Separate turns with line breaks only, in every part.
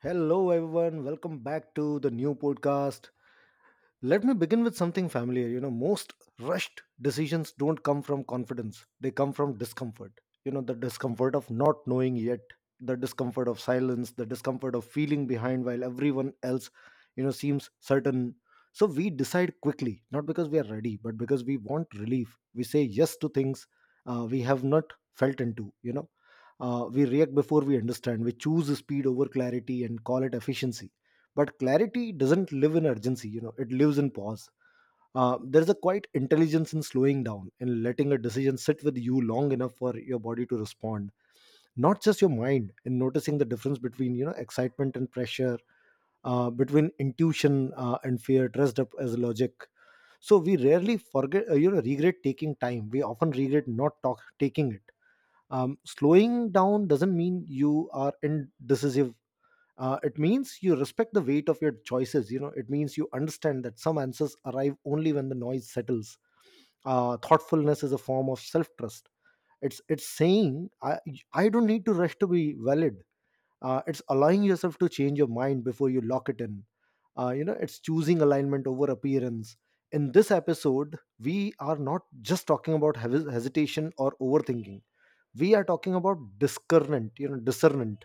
Hello, everyone. Welcome back to the new podcast. Let me begin with something familiar. You know, most rushed decisions don't come from confidence, they come from discomfort. You know, the discomfort of not knowing yet, the discomfort of silence, the discomfort of feeling behind while everyone else, you know, seems certain. So we decide quickly, not because we are ready, but because we want relief. We say yes to things we have not felt into. We react before we understand. We choose speed over clarity and call it efficiency. But clarity doesn't live in urgency, you know, it lives in pause. There's a quite intelligence in slowing down and letting a decision sit with you long enough for your body to respond, not just your mind, and noticing the difference between, you know, excitement and pressure, between intuition and fear dressed up as logic. So we rarely forget, you know, regret taking time. We often regret not talk, taking it. Slowing down doesn't mean you are indecisive. It means you respect the weight of your choices. You know, it means you understand that some answers arrive only when the noise settles. Thoughtfulness is a form of self trust. It's saying I don't need to rush to be valid. It's allowing yourself to change your mind before you lock it in. You know, it's choosing alignment over appearance. In this episode we are not just talking about hesitation or overthinking. We are talking about discernment. You know, discernment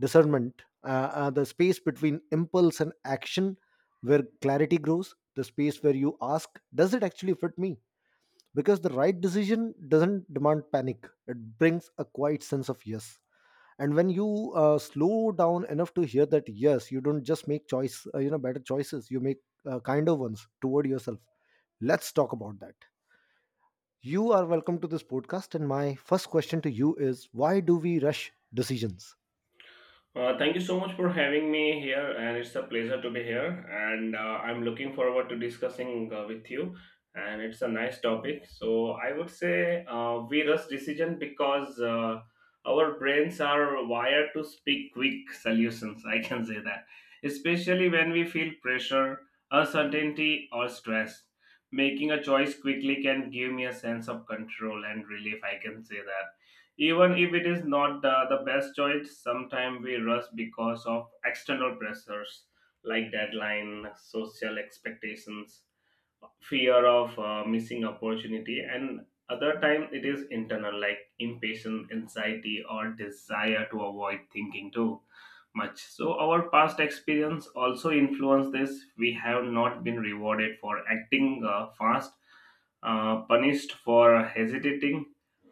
discernment uh, uh, the space between impulse and action, where clarity grows, the space where you ask, does it actually fit me? Because the right decision doesn't demand panic, it brings a quiet sense of yes. And when you slow down enough to hear that yes, you don't just make choice, you know, better choices. You make kinder ones toward yourself. Let's talk about that. You are welcome to this podcast, and my first question to you is, why do we rush decisions?
Thank you so much for having me here, and it's a pleasure to be here. And I'm looking forward to discussing with you. And it's a nice topic. So I would say we rush decision because our brains are wired to speak quick solutions. I can say that, especially when we feel pressure, uncertainty, or stress. Making a choice quickly can give me a sense of control and relief. I can say that even if it is not the best choice. Sometimes we rush because of external pressures like deadline, social expectations, fear of missing opportunity, and other time it is internal like impatience, anxiety, or desire to avoid thinking too much. So our past experience also influence this. We have not been rewarded for acting fast, punished for hesitating.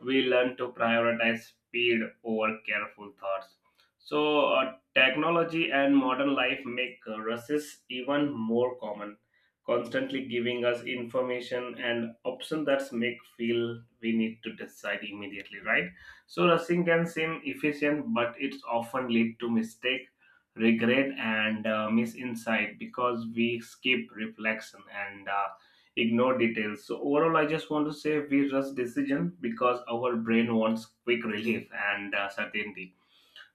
We learn to prioritize speed over careful thoughts. So technology and modern life make rushes even more common, constantly giving us information and option that's make feel we need to decide immediately, right? So rushing can seem efficient, but it's often lead to mistake, regret, and misinsight, because we skip reflection and ignore details. So overall, I just want to say, we rush decision because our brain wants quick relief and certainty,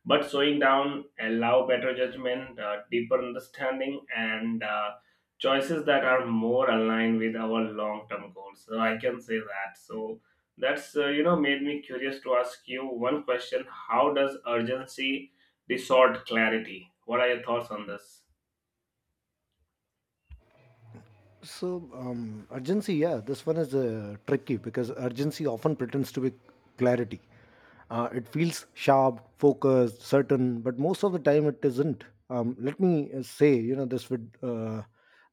but slowing down allow better judgment, deeper understanding, and choices that are more aligned with our long-term goals. So I can say that. So that's you know made me curious to ask you one question: how does urgency distort clarity? What are your thoughts on this?
So, urgency, yeah, this one is tricky because urgency often pretends to be clarity. It feels sharp, focused, certain, but most of the time it isn't. Let me say, you know, this would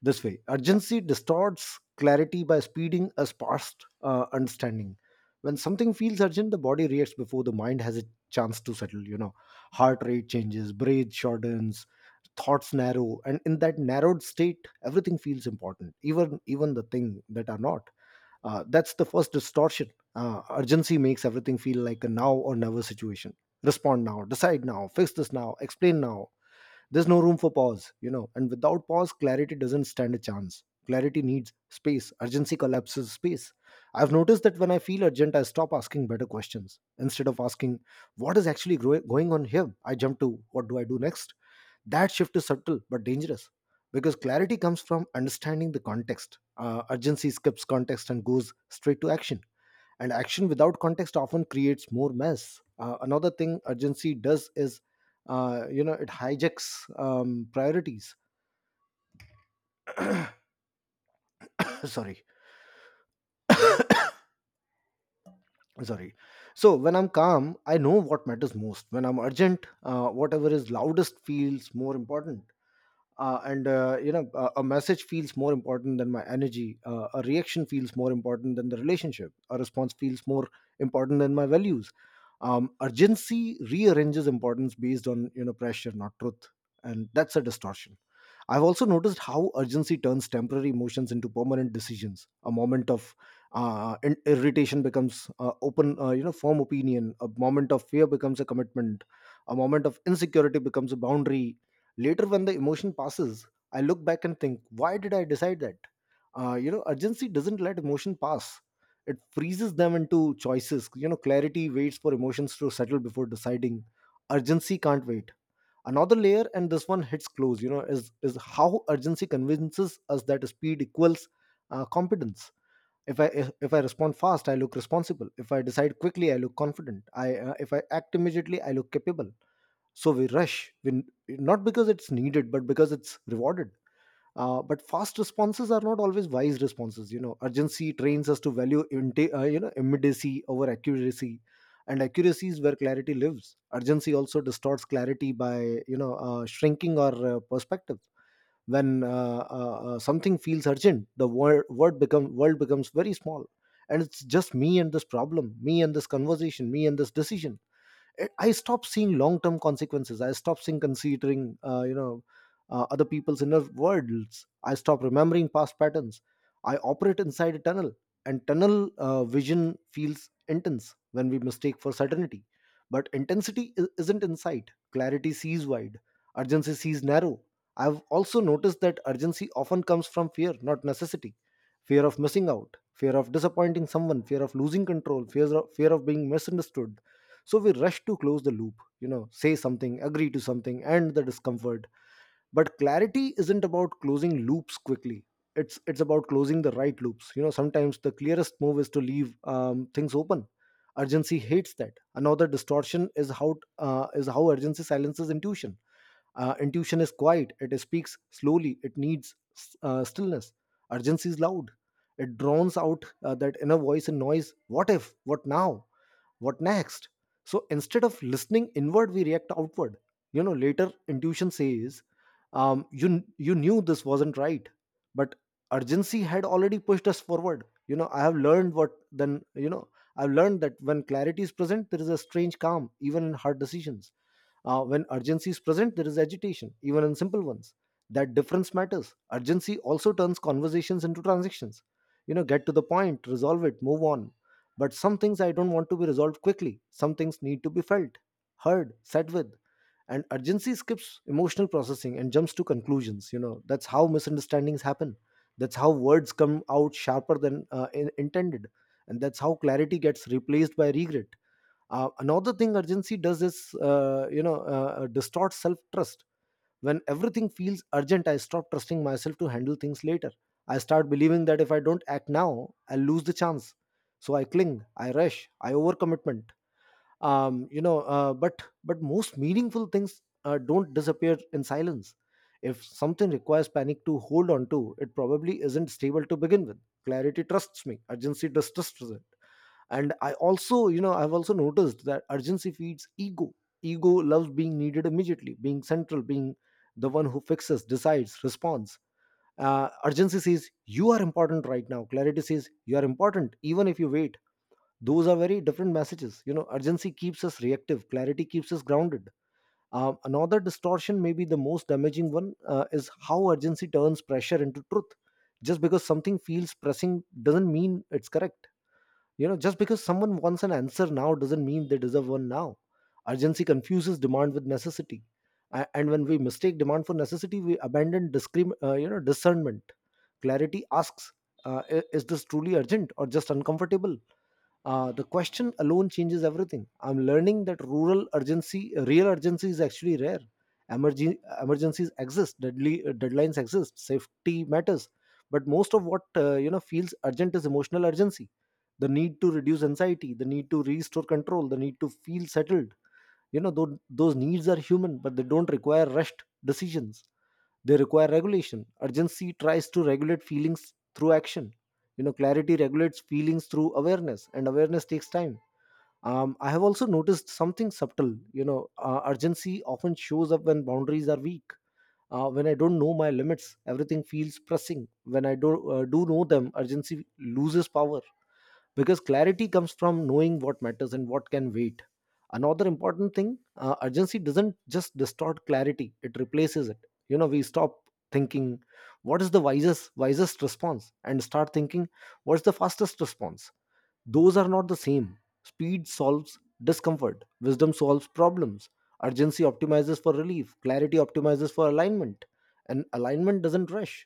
this way: urgency distorts clarity by speeding us past understanding. When something feels urgent, the body reacts before the mind has a chance to settle, you know. Heart rate changes, breath shortens, thoughts narrow, and in that narrowed state everything feels important, even the thing that are not. That's the first distortion. Urgency makes everything feel like a now or never situation. Respond now, decide now, fix this now, explain now. There's no room for pause, you know, and without pause clarity doesn't stand a chance. Clarity needs space, urgency collapses space. I've noticed that when I feel urgent, I stop asking better questions. Instead of asking, what is actually going on here, I jump to, what do I do next? That shift is subtle but dangerous, because clarity comes from understanding the context. Urgency skips context and goes straight to action. And action without context often creates more mess. Another thing urgency does is, you know, it hijacks priorities. Sorry sorry. So when I'm calm, I know what matters most. When I'm urgent, whatever is loudest feels more important. And, you know, a message feels more important than my energy, a reaction feels more important than the relationship, a response feels more important than my values. Urgency rearranges importance based on, you know, pressure, not truth. And that's a distortion. I've also noticed how urgency turns temporary emotions into permanent decisions. A moment of irritation becomes you know, firm opinion. A moment of fear becomes a commitment. A moment of insecurity becomes a boundary. Later, when the emotion passes, I look back and think, why did I decide that? You know, urgency doesn't let emotion pass. It freezes them into choices. You know, clarity waits for emotions to settle before deciding. Urgency can't wait. Another layer, and this one hits close, you know, is how urgency convinces us that speed equals competence. If I respond fast, I look responsible. If I decide quickly, I look confident. I If I act immediately, I look capable. So we rush, not because it's needed but because it's rewarded. But fast responses are not always wise responses. You know, urgency trains us to value you know, immediacy over accuracy. And accuracy is where clarity lives. Urgency also distorts clarity by, you know, shrinking our perspective. When something feels urgent, the word, word become world becomes very small, and it's just me and this problem, me and this conversation, me and this decision. I stopped seeing long term consequences, I stopped seeing considering, you know, other people's inner worlds, I stopped remembering past patterns. I operate inside a tunnel, and tunnel vision feels intense when we mistake for certainty. But intensity isn't insight. Clarity sees wide, urgency sees narrow. I've also noticed that urgency often comes from fear, not necessity. Fear of missing out, fear of disappointing someone, fear of losing control, fear of being misunderstood. So we rush to close the loop, you know, say something, agree to something, end the discomfort. But clarity isn't about closing loops quickly. It's about closing the right loops. You know, sometimes the clearest move is to leave things open. Urgency hates that. Another distortion is how urgency silences intuition. Intuition is quiet. It speaks slowly. It needs stillness. Urgency is loud. It drowns out, that inner voice and noise. What if? What now? What next? So instead of listening inward, we react outward. You know, later intuition says, you knew this wasn't right, but urgency had already pushed us forward. You know, I have learned what then, you know. I've learned that when clarity is present, there is a strange calm even in hard decisions. Uh, when urgency is present, there is agitation even in simple ones. That difference matters. Urgency also turns conversations into transactions. You know, get to the point, resolve it, move on. But some things I don't want to be resolved quickly. Some things need to be felt, heard, sat with. And urgency skips emotional processing and jumps to conclusions. You know, that's how misunderstandings happen. That's how words come out sharper than intended. And that's how clarity gets replaced by regret. Another thing urgency does is, you know, distorts self trust. When everything feels urgent, I stop trusting myself to handle things later. I start believing that if I don't act now, I'll lose the chance. So I cling, I rush, I overcommitment. You know, but most meaningful things don't disappear in silence. If something requires panic to hold on to, it probably isn't stable to begin with. Clarity trusts me, urgency distrusts it. And I also, you know, I've also noticed that urgency feeds ego. Ego loves being needed immediately, being central, being the one who fixes, decides, responds. Uh, urgency says you are important right now, clarity says you are important even if you wait. Those are very different messages. You know, urgency keeps us reactive, clarity keeps us grounded. Another distortion, maybe the most damaging one, is how urgency turns pressure into truth. Just because something feels pressing doesn't mean it's correct. You know, just because someone wants an answer now doesn't mean they deserve one now. Urgency confuses demand with necessity. And when we mistake demand for necessity, we abandon you know, discernment. Clarity asks, is this truly urgent or just uncomfortable? The question alone changes everything. I'm learning that rural urgency real urgency is actually rare. Emergencies exist, deadly, deadlines exist, safety matters. But most of what, you know, feels urgent is emotional urgency: the need to reduce anxiety, the need to restore control, the need to feel settled. You know, those needs are human but they don't require rushed decisions. They require regulation. Urgency tries to regulate feelings through action. You know, clarity regulates feelings through awareness, and awareness takes time. I have also noticed something subtle. You know, urgency often shows up when boundaries are weak. When I don't know my limits, everything feels pressing. When I do do know them, urgency loses power because clarity comes from knowing what matters and what can wait. Another important thing, urgency doesn't just distort clarity, it replaces it. You know, we stop thinking what is the wisest response and start thinking what's the fastest response. Those are not the same. Speed solves discomfort, wisdom solves problems. Urgency optimizes for relief, clarity optimizes for alignment. And alignment doesn't rush.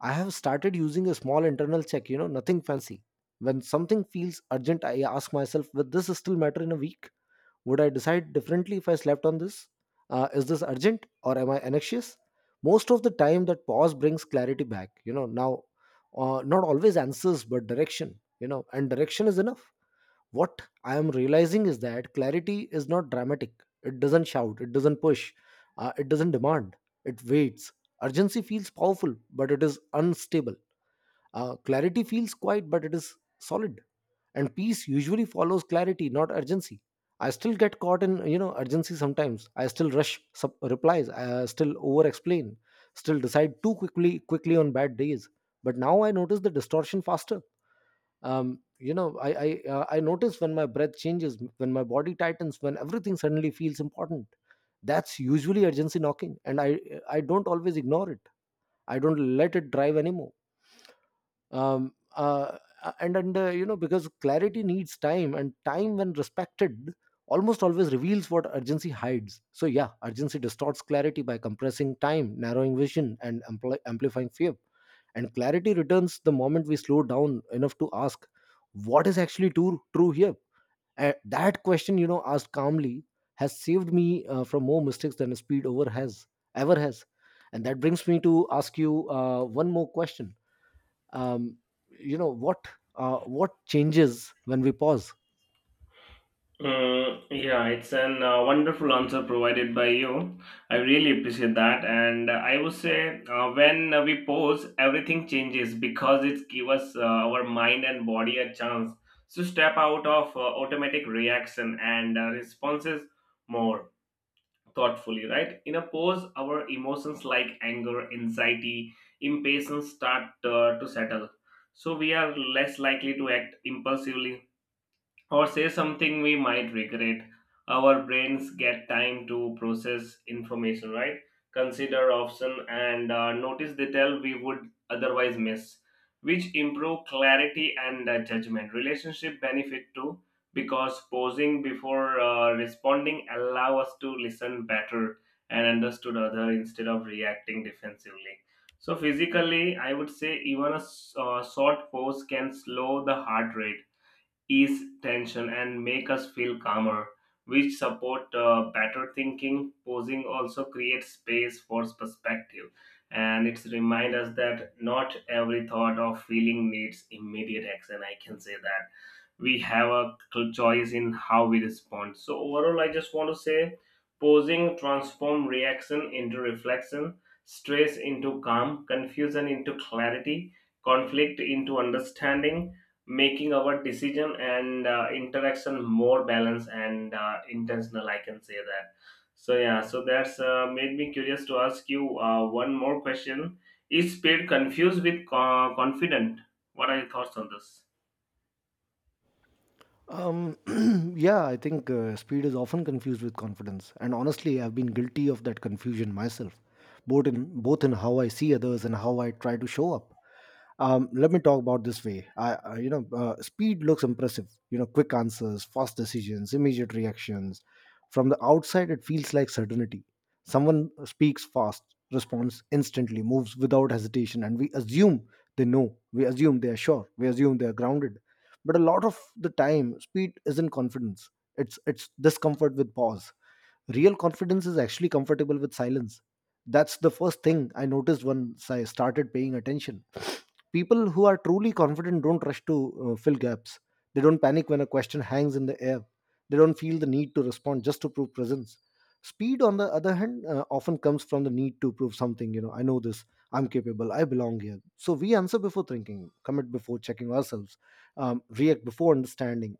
I have started using a small internal check, you know, nothing fancy. When something feels urgent, I ask myself, will this still matter in a week? Would I decide differently if I slept on this? Is this urgent or am I anxious? Most of the time, that pause brings clarity back, you know, now, not always answers, but direction, you know, and direction is enough. What I am realizing is that clarity is not dramatic. It doesn't shout, it doesn't push, it doesn't demand, it waits. Urgency feels powerful, but it is unstable. Clarity feels quiet, but it is solid. And peace usually follows clarity, not urgency. I still get caught in urgency sometimes. I still rush replies. I still over explain. Still decide too quickly on bad days. But now I notice the distortion faster. I notice when my breath changes, when my body tightens, when everything suddenly feels important. That's usually urgency knocking, and I don't always ignore it. I don't let it drive anymore. um uh, and because clarity needs time, and time, when respected, almost always reveals what urgency hides. So yeah, urgency distorts clarity by compressing time, narrowing vision, and amplifying fear. And clarity returns the moment we slow down enough to ask, what is actually true here? And that question, you know, asked calmly, has saved me from more mistakes than a speed over has ever has And that brings me to ask you one more question. um, you know what what changes when we pause?
Mm, yeah, it's an wonderful answer provided by you. I really appreciate that, and I would say when we pause, everything changes, because it gives us our mind and body a chance to step out of automatic reaction and responses more thoughtfully. Right in a pause, our emotions like anger, anxiety, impatience start to settle, so we are less likely to act impulsively or say something we might regret. Our brains get time to process information, right, consider option, and notice detail we would otherwise miss, which improve clarity and judgment. Relationship benefit too, because pausing before responding allow us to listen better and understood other instead of reacting defensively. So physically I would say even a short pause can slow the heart rate, ease tension, and make us feel calmer, which support better thinking. Posing also creates space for perspective, and it's remind us that not every thought or feeling needs immediate action. I can say that we have a choice in how we respond. So overall, I just want to say, posing transform reaction into reflection, stress into calm, confusion into clarity, conflict into understanding, making our decision and interaction more balanced and intentional. I can say that. So yeah, so that's made me curious to ask you one more question: is speed confused with confident? What are your thoughts on this?
um, yeah, I think speed is often confused with confidence, and honestly, I've been guilty of that confusion myself, both in how I see others and how I try to show up. Let me talk about this way. I you know Speed looks impressive, you know, quick answers, fast decisions, immediate reactions. From the outside it feels like certainty. Someone speaks fast, responds instantly, moves without hesitation, and we assume they know, we assume they are sure, we assume they are grounded. But a lot of the time speed isn't confidence, it's discomfort with pause. Real confidence is actually comfortable with silence. That's the first thing I noticed once I started paying attention. People who are truly confident don't rush to fill gaps. They don't panic when a question hangs in the air. They don't feel the need to respond just to prove presence. Speed, on the other hand, often comes from the need to prove something. You know, I know this. I'm capable. I belong here. So we answer before thinking, commit before checking ourselves, react before understanding.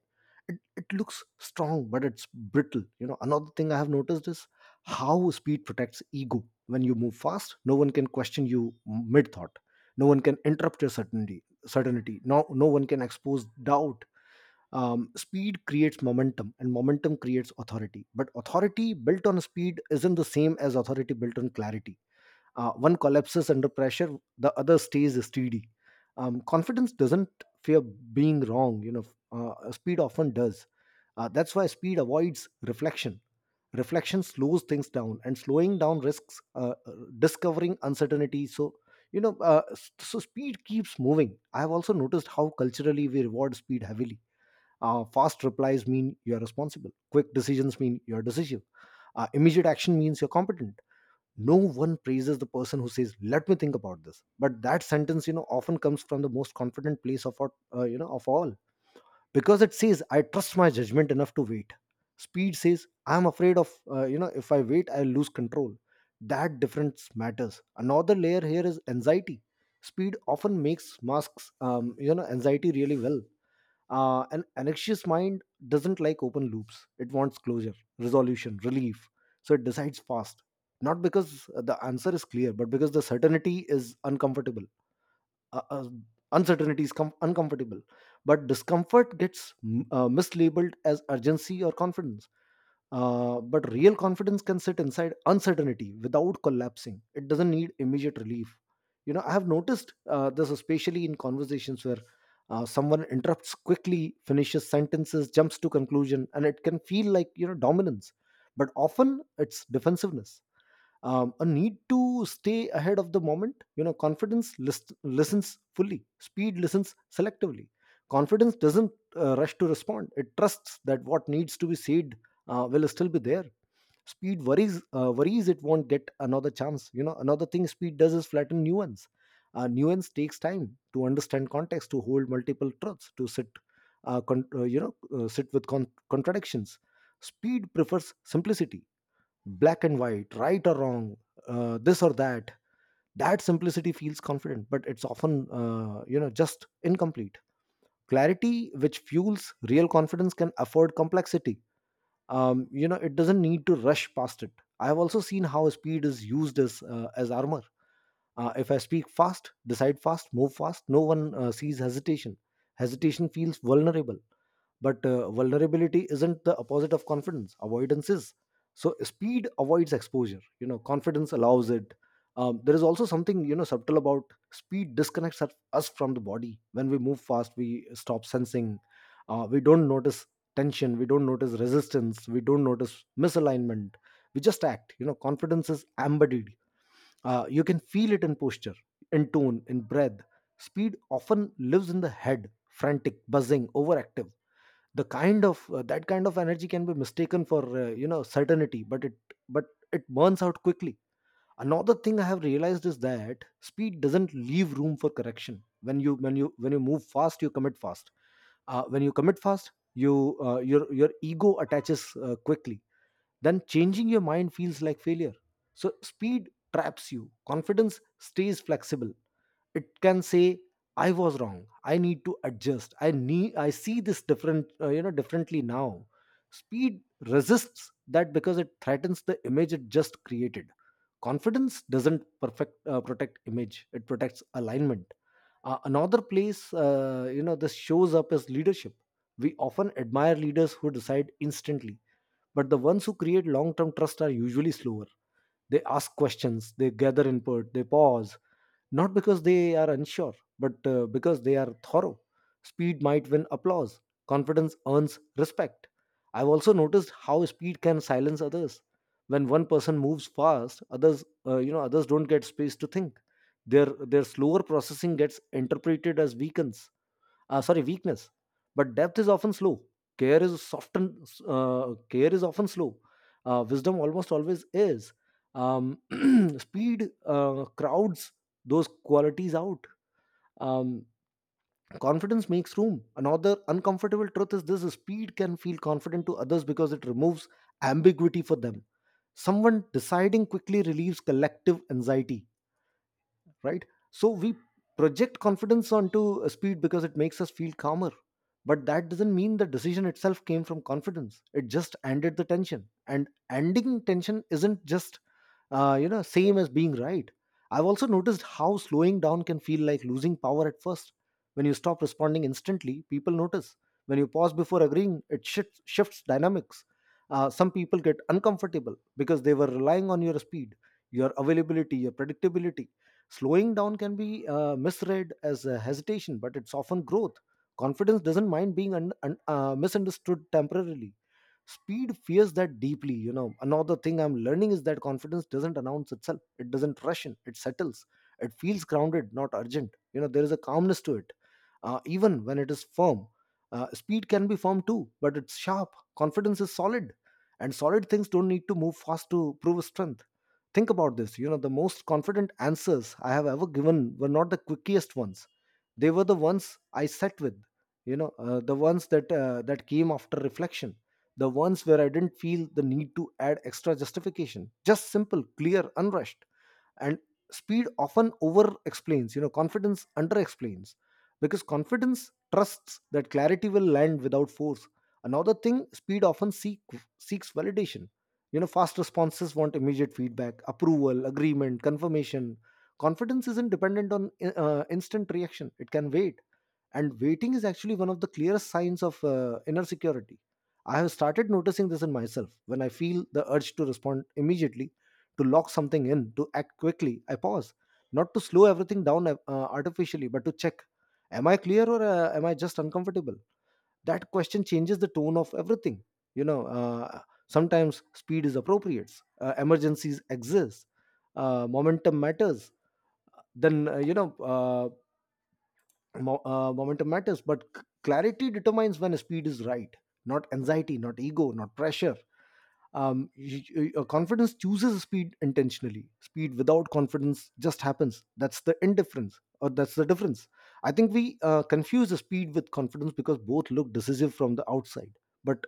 It looks strong, but it's brittle. You know, another thing I have noticed is how speed protects ego. When you move fast, no one can question you mid thought, no one can interrupt your certainty, no one can expose doubt. Speed creates momentum, and momentum creates authority, but authority built on speed isn't the same as authority built on clarity. One collapses under pressure, the other stays steady. Confidence doesn't fear being wrong, you know, speed often does. That's why speed avoids reflection. Reflection slows things down, and slowing down risks discovering uncertainty. So, you know, so speed keeps moving. I have also noticed how culturally we reward speed heavily. Fast replies mean you're responsible, quick decisions mean you're decisive, immediate action means you're competent. No one praises the person who says, let me think about this. But that sentence, you know, often comes from the most confident place of our, you know of all, because it says, I trust my judgment enough to wait. Speed says, I'm afraid of you know if I wait I'll lose control. That difference matters. Another layer here is anxiety. Speed often makes masks anxiety really well. An anxious mind doesn't like open loops. It wants closure, resolution, relief. So it decides fast, not because the answer is clear, but because the certainty is uncomfortable. Uh, uh, uncomfortable, but discomfort gets mislabeled as urgency or confidence. But real confidence can sit inside uncertainty without collapsing. It doesn't need immediate relief. You know, I have noticed this especially in conversations where someone interrupts quickly, finishes sentences, jumps to conclusion, and it can feel like, you know, dominance. But often it's defensiveness, a need to stay ahead of the moment. You know, listens fully, speed listens selectively. Confidence doesn't rush to respond. It trusts that what needs to be said will still be there. Speed worries, worries it won't get another chance. You know, another thing speed does is flatten nuance. Nuance takes time, to understand context, to hold multiple truths, to sit sit with contradictions. Speed prefers simplicity, black and white, right or wrong, this or that. That simplicity feels confident, but it's often, just incomplete. Clarity, which fuels real confidence, can afford complexity. It doesn't need to rush past it. I have also seen how speed is used as armor. If I speak fast, decide fast, move fast, no one sees hesitation. Hesitation feels vulnerable, but vulnerability isn't the opposite of confidence. Avoidance is. So speed avoids exposure. You know, confidence allows it. There is also something, you know, subtle about speed disconnects us from the body. When we move fast, we stop sensing. We don't notice tension. We don't notice resistance. We don't notice misalignment. We just act. You know, confidence is embodied. You can feel it in posture, in tone, in breath. Speed often lives in the head, frantic, buzzing, overactive. The kind of that kind of energy can be mistaken for certainty, but but it burns out quickly. Another thing I have realized is that speed doesn't leave room for correction. When you move fast, you commit fast. When you commit fast, your ego attaches quickly. Then changing your mind feels like failure. So speed traps you. Confidence stays flexible. It can say, "I was wrong. I need to adjust. I need. I see this differently now." Speed resists that because it threatens the image it just created. Confidence doesn't perfect protect image. It protects alignment. Another place, this shows up as leadership. We often admire leaders who decide instantly, but the ones who create long-term trust are usually slower. They ask questions, they gather input, they pause, not because they are unsure, but because they are thorough. Speed might win applause, confidence earns respect. I've also noticed how speed can silence others. When one person moves fast, others, others don't get space to think. Their slower processing gets interpreted as weakness. Sorry Weakness. But depth is often slow. care is soften uh, Care is often slow. Uh, wisdom almost always is. um, Speed crowds those qualities out. um, Confidence makes room. Another uncomfortable truth is this: speed can feel confident to others because it removes ambiguity for them. Someone deciding quickly relieves collective anxiety, right? So we project confidence onto speed because it makes us feel calmer. But that doesn't mean the decision itself came from confidence. It just ended the tension, and ending tension isn't just you know same as being right. I've also noticed how slowing down can feel like losing power at first. When you stop responding instantly, people notice. When you pause before agreeing, it shifts dynamics. Uh, some people get uncomfortable because they were relying on your speed, your availability, your predictability. Slowing down can be misread as a hesitation, but it's often growth. Confidence doesn't mind being misunderstood temporarily. Speed fears that deeply. You know, another thing I'm learning is that confidence doesn't announce itself. It doesn't rush in. It settles. It feels grounded, not urgent. You know, there is a calmness to it, even when it is firm. Speed can be firm too, but it's sharp. Confidence is solid, and solid things don't need to move fast to prove strength. Think about this, you know, the most confident answers I have ever given were not the quickest ones, they were the ones I sat with, you know, the ones that, that came after reflection. The ones where I didn't feel the need to add extra justification. Just simple, clear, unrushed. And speed often over explains, you know, confidence under explains, because confidence trusts that clarity will land without force. Another thing, speed often seeks validation. You know, fast responses want immediate feedback, approval, agreement, confirmation. Confidence isn't dependent on instant reaction. It can wait. And waiting is actually one of the clearest signs of inner security. I have started noticing this in myself. When I feel the urge to respond immediately, to lock something in, to act quickly, I pause, not to slow everything down artificially, but to check, am I clear, or am I just uncomfortable? That question changes the tone of everything. you know uh, Sometimes speed is appropriate. Uh, emergencies exist, momentum matters then you know uh, Mo- momentum matters, but clarity determines when speed is right. Not anxiety, not ego, not pressure. Confidence chooses speed intentionally. Speed without confidence just happens. That's the difference. I think we confuse the speed with confidence because both look decisive from the outside. But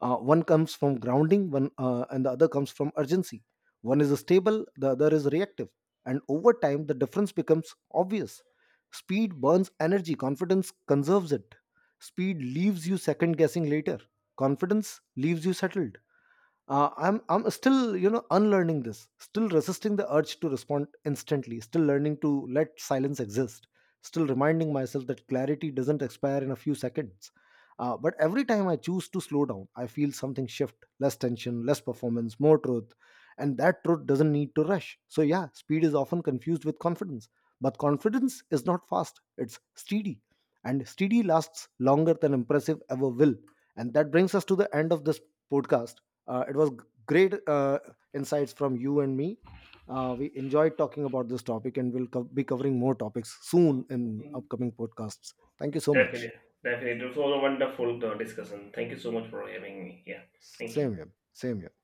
one comes from grounding, one and the other comes from urgency. One is stable, the other is reactive, and over time the difference becomes obvious. Speed burns energy, confidence conserves it. Speed leaves you second guessing later, confidence leaves you settled. I'm still, you know, unlearning this, still resisting the urge to respond instantly, still learning to let silence exist, still reminding myself that clarity doesn't expire in a few seconds. Uh, but every time I choose to slow down, I feel something shift: less tension, less performance, more truth. And that truth doesn't need to rush. So yeah, speed is often confused with confidence, but confidence is not fast, it's steady. And steady lasts longer than impressive ever will. And that brings us to the end of this podcast. It was great insights from you and me. We enjoyed talking about this topic, and we'll be covering more topics soon in
Mm,
upcoming podcasts. Thank you so much.
definitely. Definitely it was a wonderful discussion. Thank you so much for having me. Yeah, thank you.
Same here. Same here.